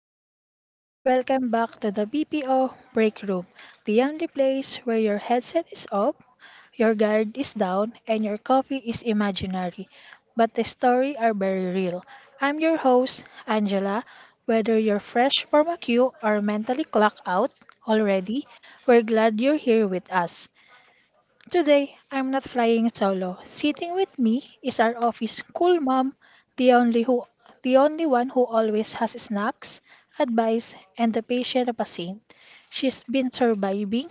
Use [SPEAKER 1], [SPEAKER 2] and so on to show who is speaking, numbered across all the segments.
[SPEAKER 1] up, team? Welcome back to the BPO Break Room, the only place where your headset is off, your guard is down, and your coffee is imaginary. But the story are very real. I'm your host, Angela. Whether you're fresh from a queue or mentally clocked out already, we're glad you're here with us. Today, I'm not flying solo. Sitting with me is our office cool mom, the only who the only one who always has snacks, advice, and the patience of a saint. She's been surviving,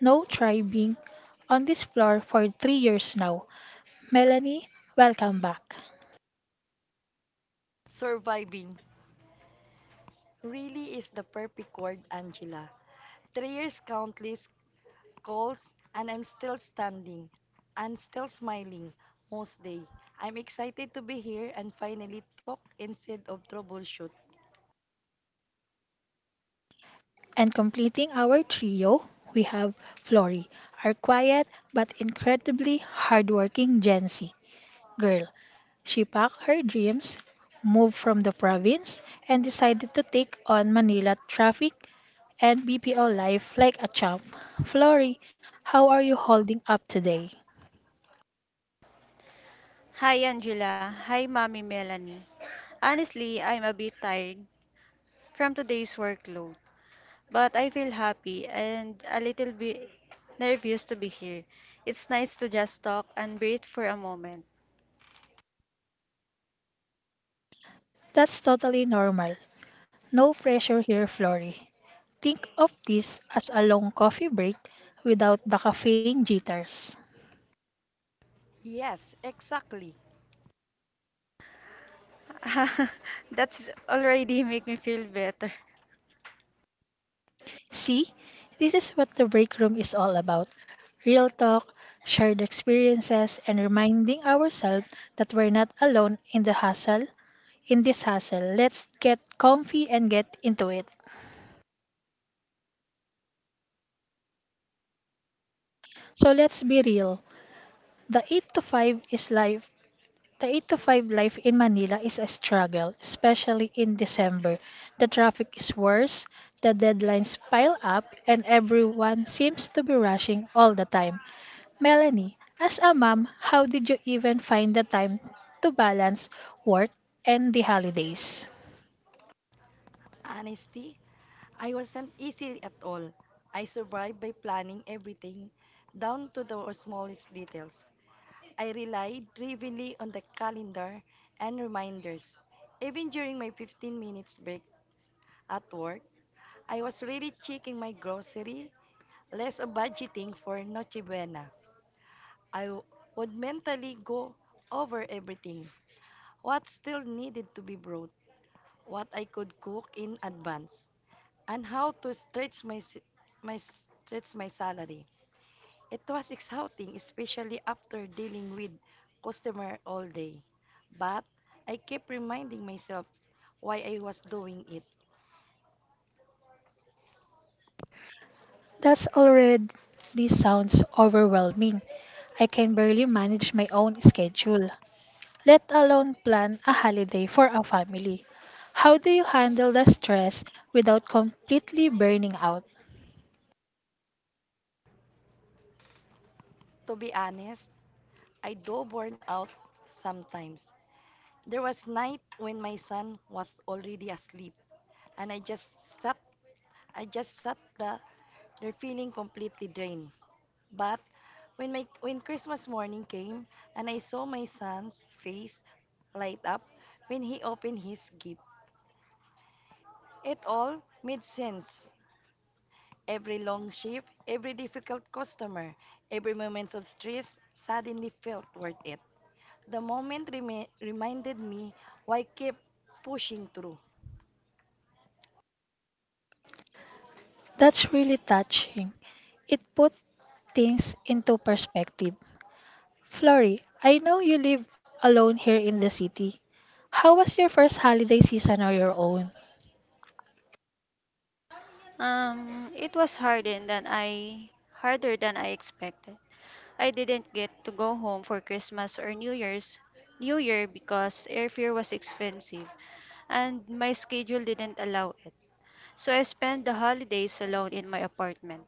[SPEAKER 1] no thriving, on this floor for 3 years now. Melanie, welcome back.
[SPEAKER 2] Surviving really is the perfect word, Angela. 3 years countless calls, and I'm still standing and still smiling most day. I'm excited to be here and finally talk instead of troubleshoot.
[SPEAKER 1] And completing our trio, we have Flori, our quiet but incredibly hardworking Gen Z girl. She packed her dreams, moved from the province, and decided to take on Manila traffic and BPO life like a champ. Flory, how are you holding up today?
[SPEAKER 3] Hi Angela. Hi Mommy Melanie. Honestly, I'm a bit tired from today's workload, but I feel happy and a little bit nervous to be here. It's nice to just talk and breathe for a moment.
[SPEAKER 1] That's totally normal. No pressure here, Flory. Think of this as a long coffee break without the caffeine jitters.
[SPEAKER 2] Yes, exactly.
[SPEAKER 3] That's already make me feel better.
[SPEAKER 1] See, this is what the break room is all about, real talk, shared experiences, and reminding ourselves that we're not alone in this hustle. Let's get comfy and get into it. So let's be real. The 8 to 5 is life. The 8 to 5 life in Manila is a struggle, especially in December. The traffic is worse, the deadlines pile up, and everyone seems to be rushing all the time. Melanie, as a mom, how did you even find the time to balance work and the holidays?
[SPEAKER 2] Honesty, I wasn't easy at all. I survived by planning everything down to the smallest details. I relied heavily on the calendar and reminders. Even during my 15 minutes break at work, I was really checking my grocery, less of budgeting for Noche Buena. I would mentally go over everything, what still needed to be brought, what I could cook in advance, and how to stretch my salary. It was exhausting, especially after dealing with customer all day. But I kept reminding myself why I was doing it.
[SPEAKER 1] That's already sounds overwhelming. I can barely manage my own schedule, let alone plan a holiday for a family. How do you handle the stress without completely burning out?
[SPEAKER 2] To be honest, I do burn out sometimes. There was night when my son was already asleep and sat I just sat there feeling completely drained. But when Christmas morning came and I saw my son's face light up when he opened his gift, it all made sense. Every long shift, every difficult customer, every moment of stress suddenly felt worth it. The moment reminded me why I kept pushing through.
[SPEAKER 1] That's really touching. It put things into perspective. Flori, I know you live alone here in the city. How was your first holiday season or your own?
[SPEAKER 3] It was harder than I expected. I didn't get to go home for Christmas or New Year because airfare was expensive and my schedule didn't allow it. So I spent the holidays alone in my apartment.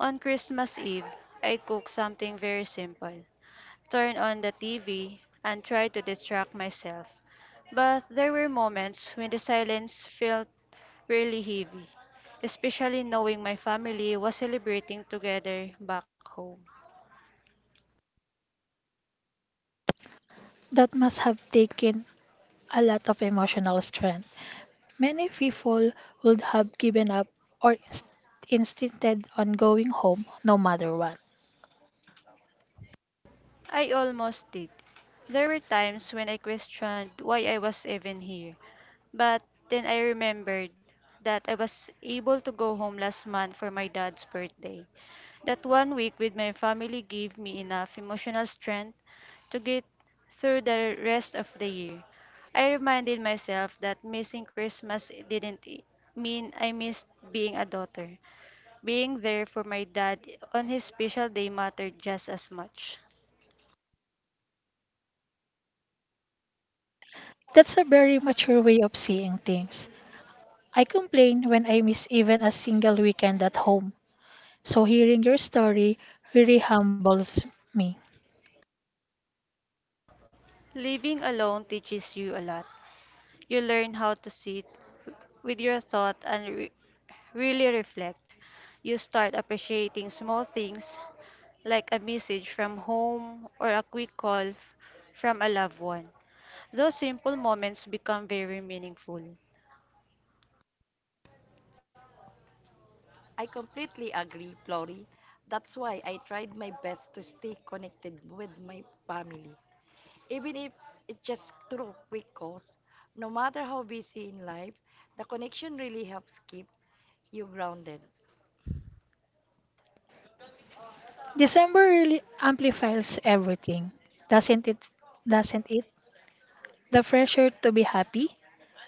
[SPEAKER 3] On Christmas Eve, I cooked something very simple, turned on the TV, and tried to distract myself. But there were moments when the silence felt really heavy, especially knowing my family was celebrating together back home.
[SPEAKER 1] That must have taken a lot of emotional strength. Many people would have given up or insisted on going home no matter what.
[SPEAKER 3] I almost did. There were times when I questioned why I was even here. But then I remembered that I was able to go home last month for my dad's birthday. That one week with my family gave me enough emotional strength to get through the rest of the year. I reminded myself that missing Christmas didn't mean I missed being a daughter. Being there for my dad on his special day mattered just as much.
[SPEAKER 1] That's a very mature way of seeing things. I complain when I miss even a single weekend at home, so hearing your story really humbles me.
[SPEAKER 3] Living alone teaches you a lot. You learn how to sit with your thought and really reflect. You start appreciating small things, like a message from home or a quick call from a loved one. Those simple moments become very meaningful.
[SPEAKER 2] I completely agree, Flori. That's why I tried my best to stay connected with my family. Even if it's just through quick calls, no matter how busy in life, the connection really helps keep you grounded.
[SPEAKER 1] December really amplifies everything, doesn't it? doesn't it? The pressure to be happy,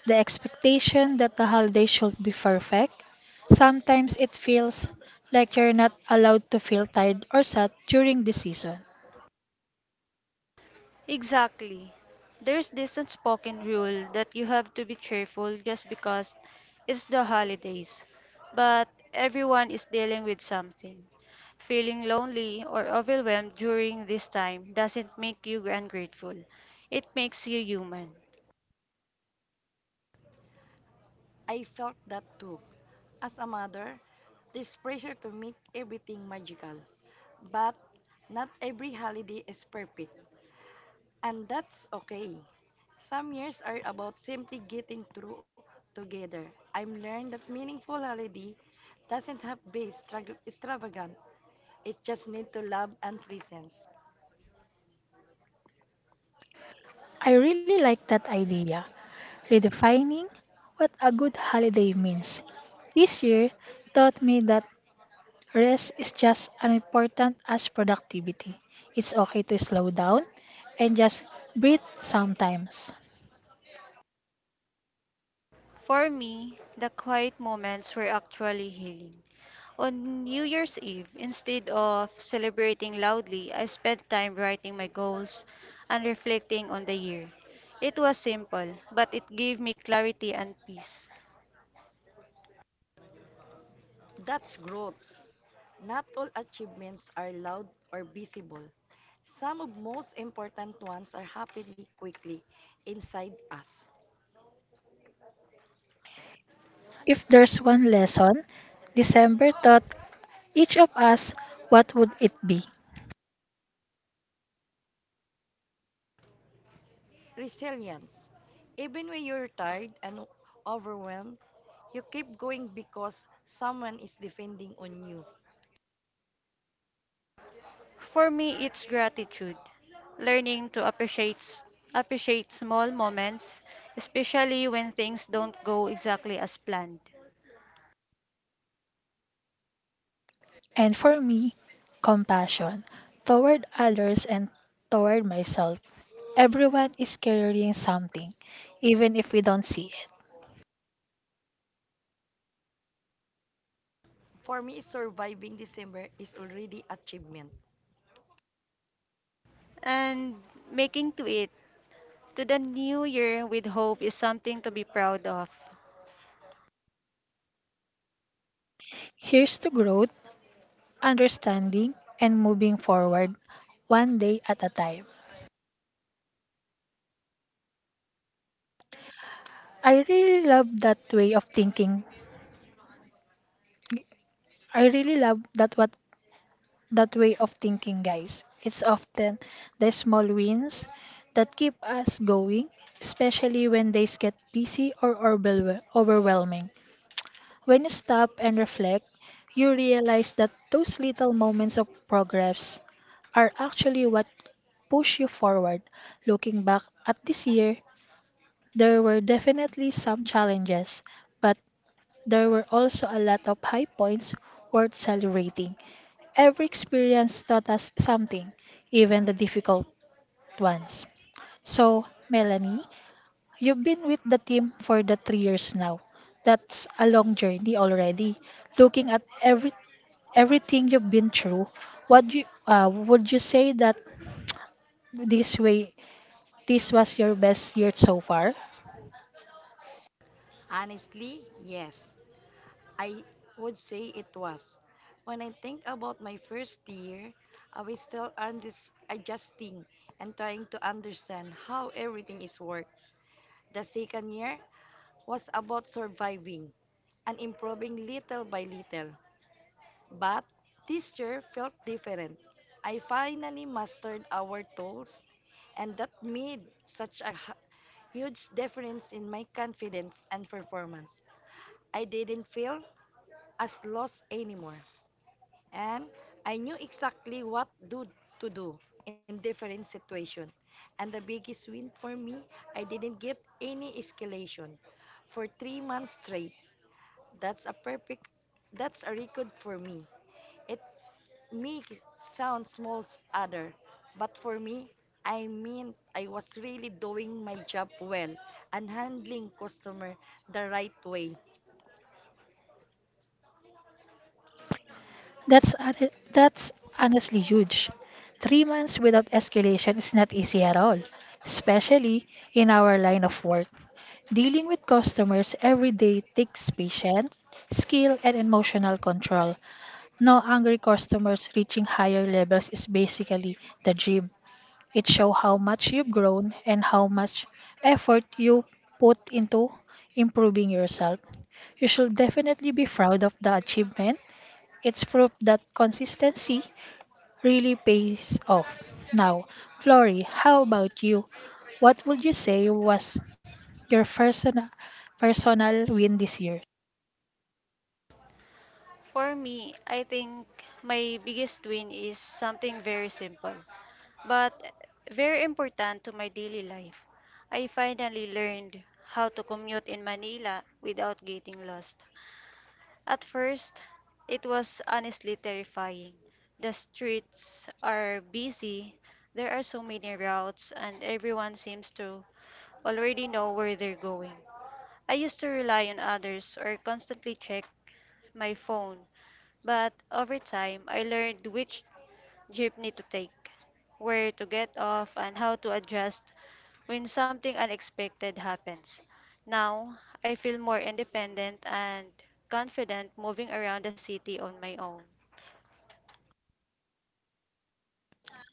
[SPEAKER 1] the expectation that the holiday should be perfect. Sometimes it feels like you're not allowed to feel tired or sad during the season.
[SPEAKER 3] Exactly. There's this unspoken rule that you have to be cheerful just because it's the holidays. But everyone is dealing with something. Feeling lonely or overwhelmed during this time doesn't make you ungrateful. It makes you human.
[SPEAKER 2] I felt that too. As a mother, there's pressure to make everything magical. But not every holiday is perfect. And that's okay. Some years are about simply getting through together. I've learned that meaningful holiday doesn't have to be extravagant. It just need to love and presence.
[SPEAKER 1] I really like that idea, redefining what a good holiday means. This year taught me that rest is just as important as productivity. It's okay to slow down and just breathe sometimes.
[SPEAKER 3] For me, the quiet moments were actually healing. On New Year's Eve, instead of celebrating loudly, I spent time writing my goals and reflecting on the year. It was simple, but it gave me clarity and peace.
[SPEAKER 2] That's growth. Not all achievements are loud or visible. Some of most important ones are happening quickly inside us.
[SPEAKER 1] If there's one lesson, December taught each of us, what would it be?
[SPEAKER 2] Resilience. Even when you're tired and overwhelmed, you keep going because someone is depending on you.
[SPEAKER 3] For me, it's gratitude, learning to appreciate small moments, especially when things don't go exactly as planned,
[SPEAKER 1] And for me, compassion toward others and toward myself. Everyone is carrying something, even if we don't see it.
[SPEAKER 2] For me, surviving December is already achievement.
[SPEAKER 3] and making to it to the new year with hope is something to be proud of.
[SPEAKER 1] Here's to growth, understanding, and moving forward one day at a time. I really love that way of thinking. I really love that what that way of thinking, guys. It's often the small wins that keep us going, especially when days get busy or overwhelming. When you stop and reflect, you realize that those little moments of progress are actually what push you forward. Looking back at this year, there were definitely some challenges, but there were also a lot of high points worth celebrating. Every experience taught us something, even the difficult ones. So, Melanie, you've been with the team for the 3 years now. That's a long journey already. Looking at everything you've been through, what would you say that this way, this was your best year so far?
[SPEAKER 2] Honestly, yes. I would say it was. When I think about my first year, I was still adjusting and trying to understand how everything is worked. The second year was about surviving and improving little by little. But this year felt different. I finally mastered our tools, and that made such a huge difference in my confidence and performance. I didn't feel as lost anymore, and I knew exactly what do to do in different situation. And the biggest win for me, I didn't get any escalation for 3 months straight. That's a perfect, that's a record for me. It may sound small other, but for me, I mean I was really doing my job well and handling customer the right way.
[SPEAKER 1] That's honestly huge. 3 months without escalation is not easy at all, especially in our line of work. Dealing with customers every day takes patience, skill, and emotional control. No angry customers reaching higher levels is basically the dream. It shows how much you've grown and how much effort you put into improving yourself. You should definitely be proud of the achievement. It's proof that consistency really pays off. Now, Flory, how about you? What would you say was your personal win this year?
[SPEAKER 3] For me, I think my biggest win is something very simple, but very important to my daily life. I finally learned how to commute in Manila without getting lost. At first, it was honestly terrifying. The streets are busy, there are so many routes, and everyone seems to already know where they're going. I used to rely on others or constantly check my phone, but over time I learned which jeepney to take, where to get off, and how to adjust when something unexpected happens. Now I feel more independent and confident moving around the city on my own.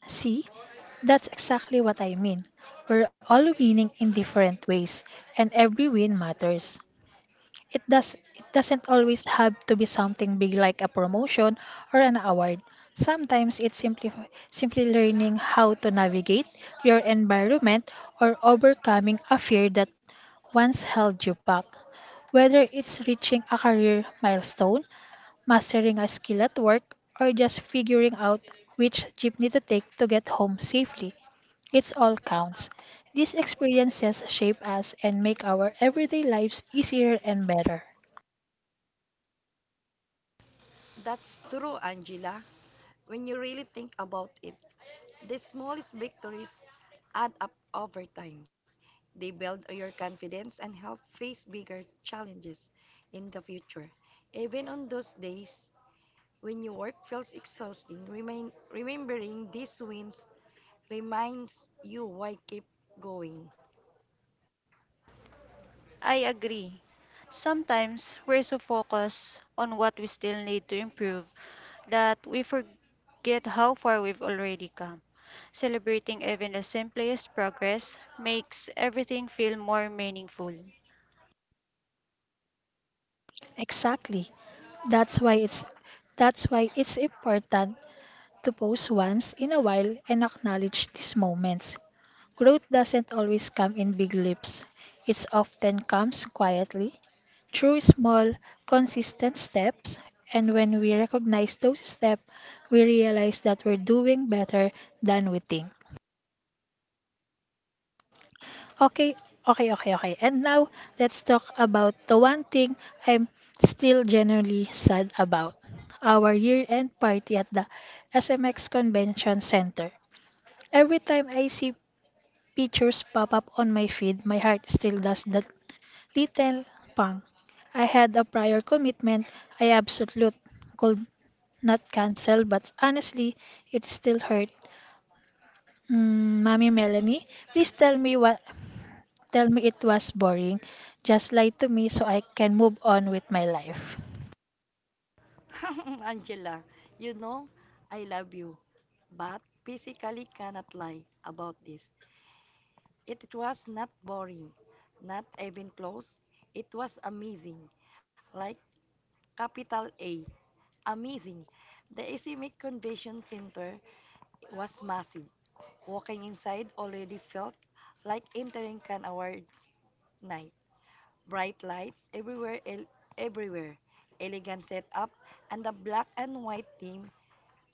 [SPEAKER 1] See, that's exactly what I mean. We're all winning in different ways, and every win matters. It doesn't always have to be something big like a promotion or an award. Sometimes it's simply learning how to navigate your environment or overcoming a fear that once held you back. Whether it's reaching a career milestone, mastering a skill at work, or just figuring out which jeepney to take to get home safely, it's all counts. These experiences shape us and make our everyday lives easier and better.
[SPEAKER 2] That's true, Angela. When you really think about it, the smallest victories add up over time. They build your confidence and help face bigger challenges in the future. Even on those days when your work feels exhausting, remembering these wins reminds you why keep going.
[SPEAKER 3] I agree. Sometimes we're so focused on what we still need to improve that we forget how far we've already come. Celebrating even the simplest progress makes everything feel more meaningful.
[SPEAKER 1] Exactly. That's why it's that's why it's important to pause once in a while and acknowledge these moments. Growth doesn't always come in big leaps. It often comes quietly through small, consistent steps, and when we recognize those steps, we realize that we're doing better than we think. Okay, okay. And now, let's talk about the one thing I'm still generally sad about. Our year-end party at the SMX Convention Center. Every time I see pictures pop up on my feed, my heart still does that little pang. I had a prior commitment I absolute could not cancel, but honestly, it still hurt. Mommy Melanie, please tell me what. Tell me it was boring. Just lie to me so I can move on with my life.
[SPEAKER 2] Angela, you know I love you, but physically cannot lie about this. It was not boring, not even close. It was amazing, like Capital A. Amazing. The Isimik Convention Center was massive. Walking inside already felt like entering Cannes Awards night. Bright lights everywhere, everywhere. Elegant setup and the black and white theme.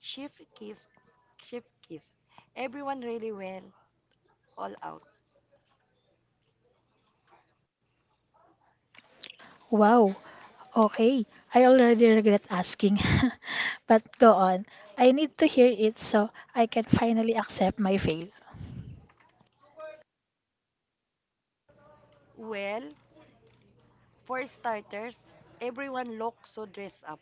[SPEAKER 2] Chief kiss, chief kiss. Everyone really went all out.
[SPEAKER 1] Wow, okay. I already regret asking, but go on. I need to hear it so I can finally accept my fail.
[SPEAKER 2] Well, for starters, everyone looked so dressed up.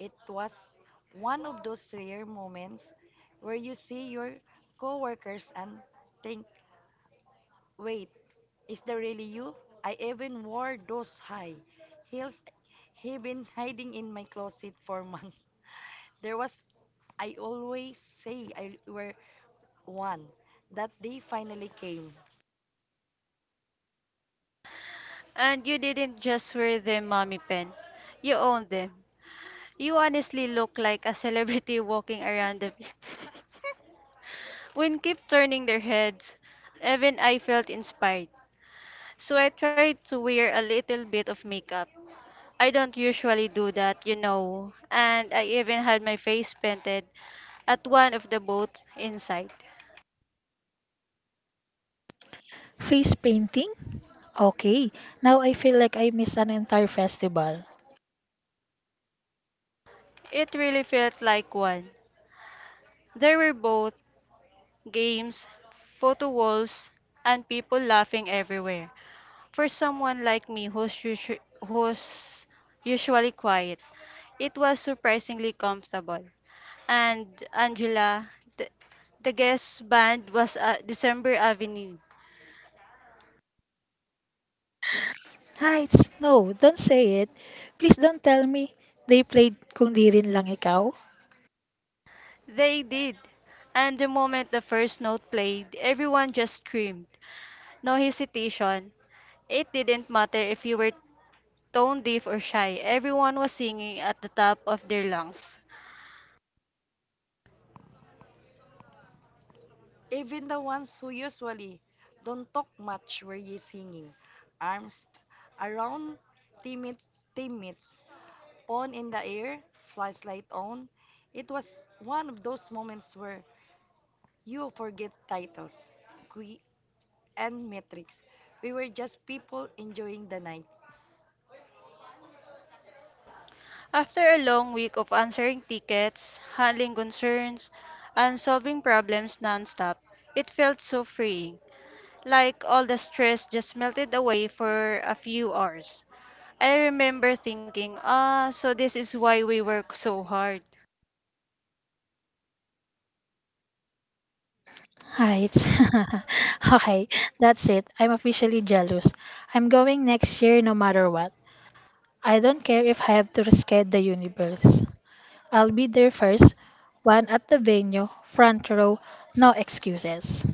[SPEAKER 2] It was one of those rare moments where you see your coworkers and think, wait, is that really you? I even wore those high heels he been hiding in my closet for months. There was I always say I were one. That day finally came.
[SPEAKER 3] And you didn't just wear them, Mommy Pen. You own them. You honestly look like a celebrity walking around the when keep turning their heads, even I felt inspired. So I tried to wear a little bit of makeup. I don't usually do that, and I even had my face painted at one of the boats inside.
[SPEAKER 1] Face painting? Okay, now I feel like I missed an entire festival.
[SPEAKER 3] It really felt like one. There were both games, photo walls, and people laughing everywhere. For someone like me who's usually quiet, it was surprisingly comfortable. And Angela, the, the guest band was December Avenue.
[SPEAKER 1] Heights, no, don't say it. Please don't tell me they played Kung Di Rin Lang Ikaw.
[SPEAKER 3] They did. And the moment the first note played, everyone just screamed. No hesitation. It didn't matter if you were tone deaf or shy, everyone was singing at the top of their lungs.
[SPEAKER 2] Even the ones who usually don't talk much were ye singing, arms around teammates, teammates Pawn in the air, flashlight on. It was one of those moments where you forget titles, qui and metrics. We were just people enjoying the night.
[SPEAKER 3] After a long week of answering tickets, handling concerns, and solving problems nonstop, it felt so freeing, like all the stress just melted away for a few hours. I remember thinking, ah, so this is why we work so hard.
[SPEAKER 1] Heights. Okay, that's it. I'm officially jealous. I'm going next year no matter what. I don't care if I have to rescale the universe. I'll be there first, one at the venue, front row, no excuses.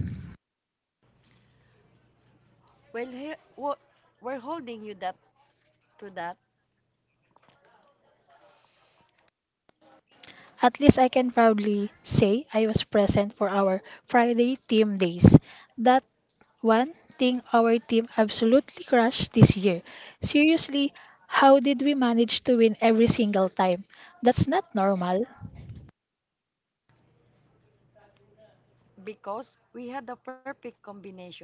[SPEAKER 2] Well, we're holding you that to that
[SPEAKER 1] At least I can proudly say I was present for our Friday team days. That one thing our team absolutely crushed this year. Seriously, how did we manage to win every single time? That's not normal.
[SPEAKER 2] because we had the perfect combination,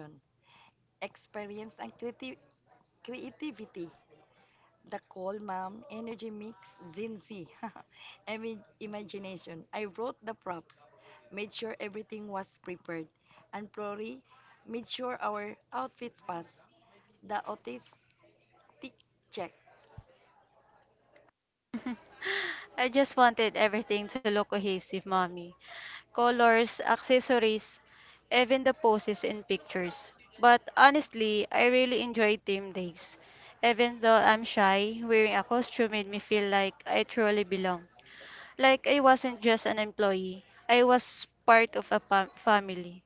[SPEAKER 2] experience and creativity. The Cold Mom Energy Mix Zinzi Imagination. I wrote the props, made sure everything was prepared, and Flori made sure our outfits passed the autistic check.
[SPEAKER 3] I just wanted everything to look cohesive, mommy. Colors, accessories, even the poses and pictures. But honestly, I really enjoyed team days. Even though I'm shy, wearing a costume made me feel like I truly belong. Like I wasn't just an employee, I was part of a family.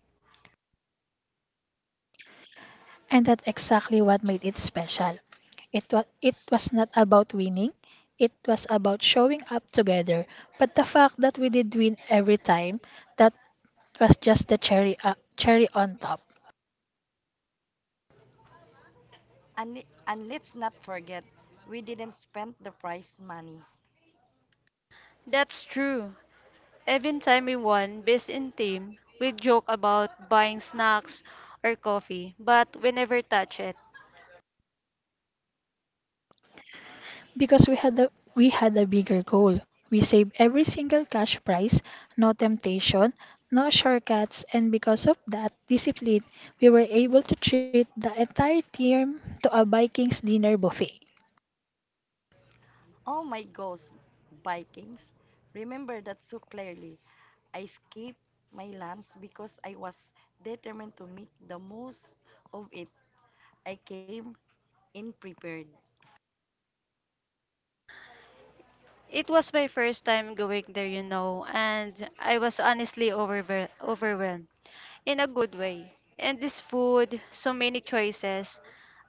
[SPEAKER 1] And that's exactly what made it special. It was not about winning, it was about showing up together. But the fact that we did win every time, that was just the cherry on top.
[SPEAKER 2] And let's not forget, we didn't spend the prize money.
[SPEAKER 3] That's true. Every time we won, best in team, we joke about buying snacks or coffee, but we never touch it.
[SPEAKER 1] Because we had a bigger goal. We saved every single cash prize, no temptation, no shortcuts, and because of that discipline, we were able to treat the entire team to a Vikings dinner buffet.
[SPEAKER 2] Oh my gosh, Vikings! Remember that so clearly. I skipped my lunch because I was determined to make the most of it. I came and prepared.
[SPEAKER 3] It was my first time going there, and I was honestly overwhelmed in a good way. And this food, so many choices.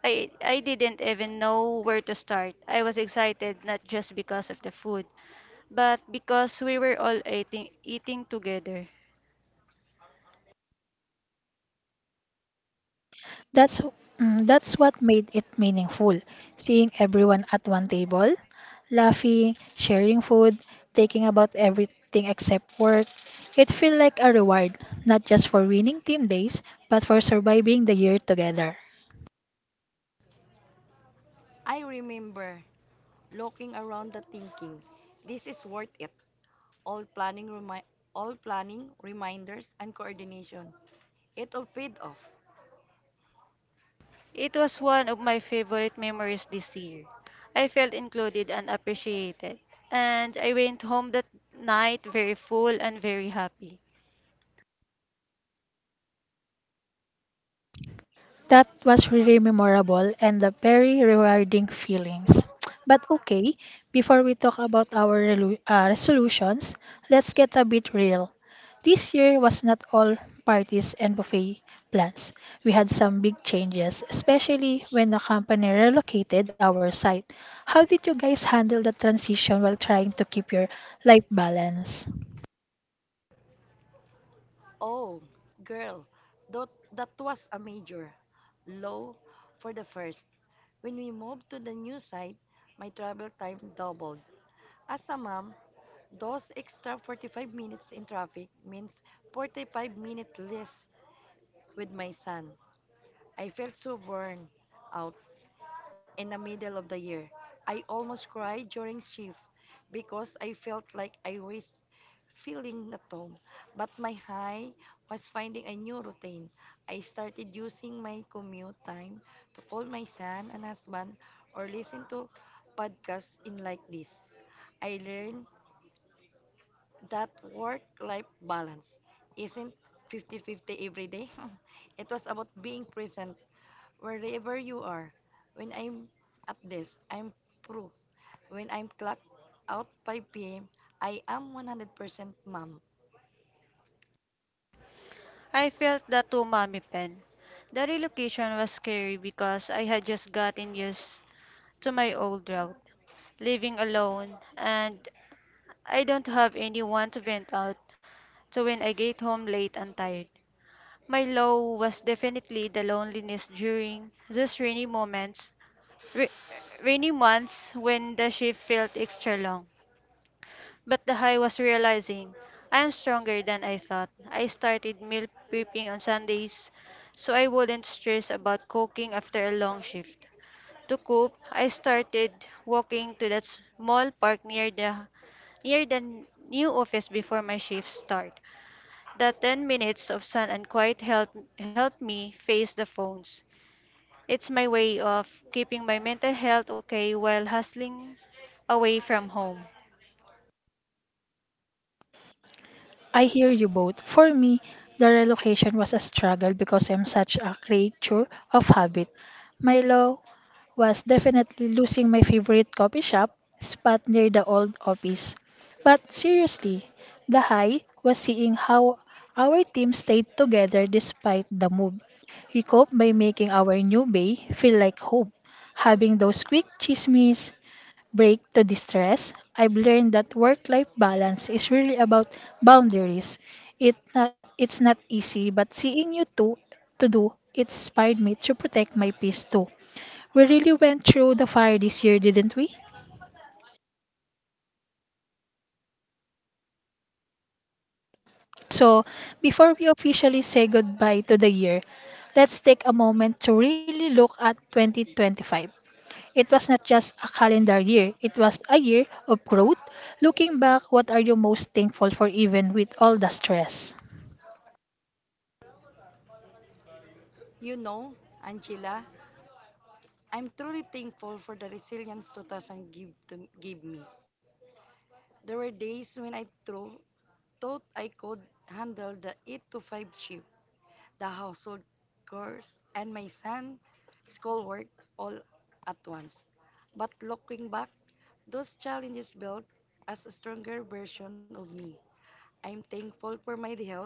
[SPEAKER 3] I didn't even know where to start. I was excited not just because of the food, but because we were all eating together.
[SPEAKER 1] That's that's what made it meaningful. Seeing everyone at one table, laughing, sharing food, taking about everything except work. It felt like a reward, not just for winning team days, but for surviving the year together.
[SPEAKER 2] I remember looking around the thinking, this is worth it. All planning remi- all planning, reminders and coordination. It all paid off.
[SPEAKER 3] It was one of my favorite memories this year. I felt included and appreciated. And I went home that night very full and very happy.
[SPEAKER 1] That was really memorable and a very rewarding feelings. But okay, before we talk about our resolutions, let's get a bit real. This year was not all parties and buffet plans. We had some big changes, especially when the company relocated our site. How did you guys handle the transition while trying to keep your life balance?
[SPEAKER 2] Oh, girl, that, that was a major low for the first. When we moved to the new site, my travel time doubled. As a mom, those extra 45 minutes in traffic means 45 minutes less with my son. I felt so burned out in the middle of the year. I almost cried during shift because I felt like I was feeling at home. But my high was finding a new routine. I started using my commute time to call my son and husband or listen to podcasts in like this. I learned that work-life balance isn't 50-50 every day. It was about being present wherever you are. When I'm at this, I'm proof. When I'm clocked out 5 p.m., I am 100% mom.
[SPEAKER 3] I felt that too, Mommy Pen. The relocation was scary because I had just gotten used to my old route, living alone, and I don't have anyone to vent out to when I get home late and tired. My low was definitely the loneliness during those ra- rainy months when the shift felt extra long. But the high was realizing I am stronger than I thought. I started meal prepping on Sundays so I wouldn't stress about cooking after a long shift. To cope, I started walking to that small park near the new office before my shift start. The 10 minutes of sun and quiet helped me face the phones. It's my way of keeping my mental health okay while hustling away from home.
[SPEAKER 1] I hear you both. For me, the relocation was a struggle because I'm such a creature of habit. My law was definitely losing my favorite coffee shop spot near the old office. But seriously, the high was seeing how our team stayed together despite the move. We coped by making our new bay feel like home, having those quick chismes, break to distress, I've learned that work-life balance is really about boundaries. It's not easy, but seeing you two to do it inspired me to protect my peace too. We really went through the fire this year, didn't we? So, before we officially say goodbye to the year, let's take a moment to really look at 2025. It was not just a calendar year, it was a year of growth. Looking back, what are you most thankful for even with all the stress?
[SPEAKER 2] You know, Angela, I'm truly thankful for the resilience 2000 give me. There were days when I thought I could handle the 8 to 5 shift, the household chores, and my son's schoolwork all at once. But looking back, those challenges built us a stronger version of me. I'm thankful for my health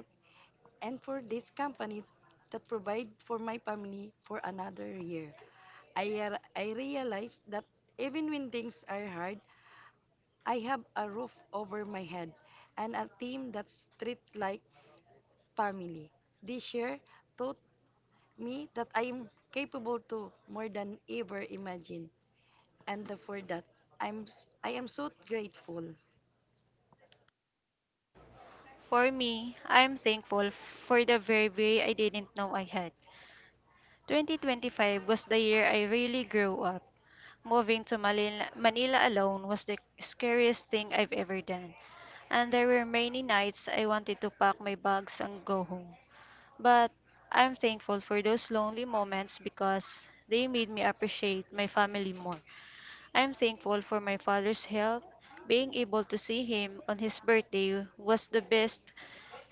[SPEAKER 2] and for this company that provide for my family for another year. I realized that even when things are hard, I have a roof over my head and a team that's treated like family. This year taught me that I am capable to more than ever imagine. And for that, I'm, I am so grateful.
[SPEAKER 3] For me, I am thankful for the very I didn't know I had. 2025 was the year I really grew up. Moving to Manila alone was the scariest thing I've ever done. And there were many nights I wanted to pack my bags and go home. But I'm thankful for those lonely moments because they made me appreciate my family more. I'm thankful for my father's health. Being able to see him on his birthday was the best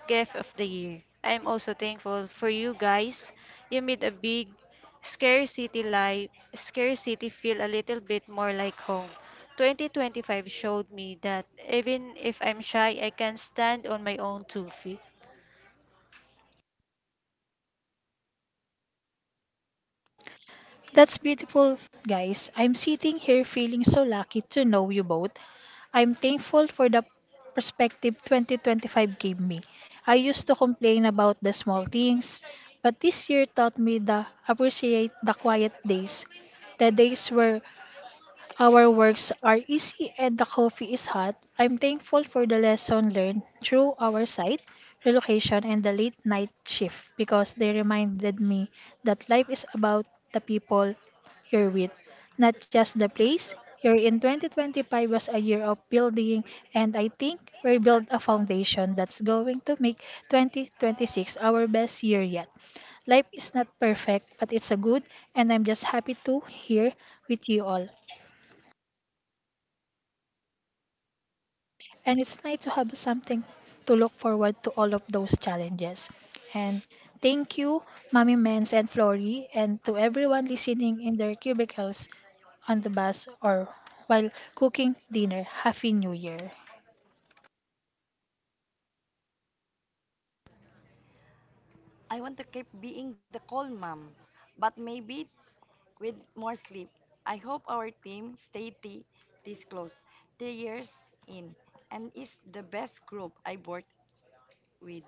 [SPEAKER 3] gift of the year. I'm also thankful for you guys. You made a big scarcity feel a little bit more like home. 2025 showed me that even if I'm shy, I can stand on my own two feet.
[SPEAKER 1] That's beautiful, guys. I'm sitting here feeling so lucky to know you both. I'm thankful for the perspective 2025 gave me. I used to complain about the small things, but this year taught me to appreciate the quiet days, the days where our works are easy and the coffee is hot. I'm thankful for the lesson learned through our site, relocation, and the late night shift because they reminded me that life is about the people you're with, not just the place you're in. 2025 was a year of building, and I think we built a foundation that's going to make 2026 our best year yet. Life is not perfect, but it's a good, and I'm just happy to here with you all. And it's nice to have something to look forward to all of those challenges. And thank you, Mommy Mens and Flory, and to everyone listening in their cubicles on the bus or while cooking dinner. Happy New Year.
[SPEAKER 2] I want to keep being the calm mom, but maybe with more sleep. I hope our team stay this close, 3 years in, and is the best group I worked with.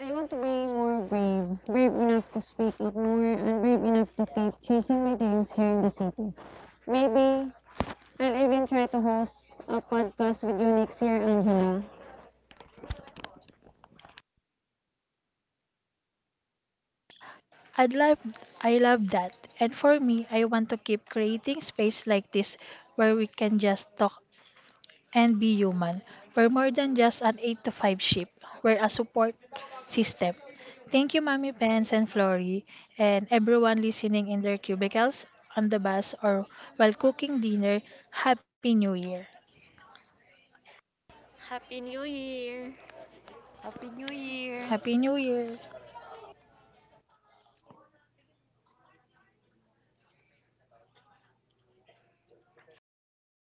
[SPEAKER 3] I want to be more brave enough to speak up more, and brave enough to keep chasing my dreams here in the city. Maybe I'll even try to host a podcast with you next year, Angela.
[SPEAKER 1] I'd love I love that. And for me, I want to keep creating space like this where we can just talk and be human. We're more than just an 8 to 5 ship. We're a support system. Thank you, Mommy Pence and Flory, and everyone listening in their cubicles, on the bus, or while cooking dinner. Happy New Year!
[SPEAKER 3] Happy New Year!
[SPEAKER 2] Happy New Year!
[SPEAKER 1] Happy New Year!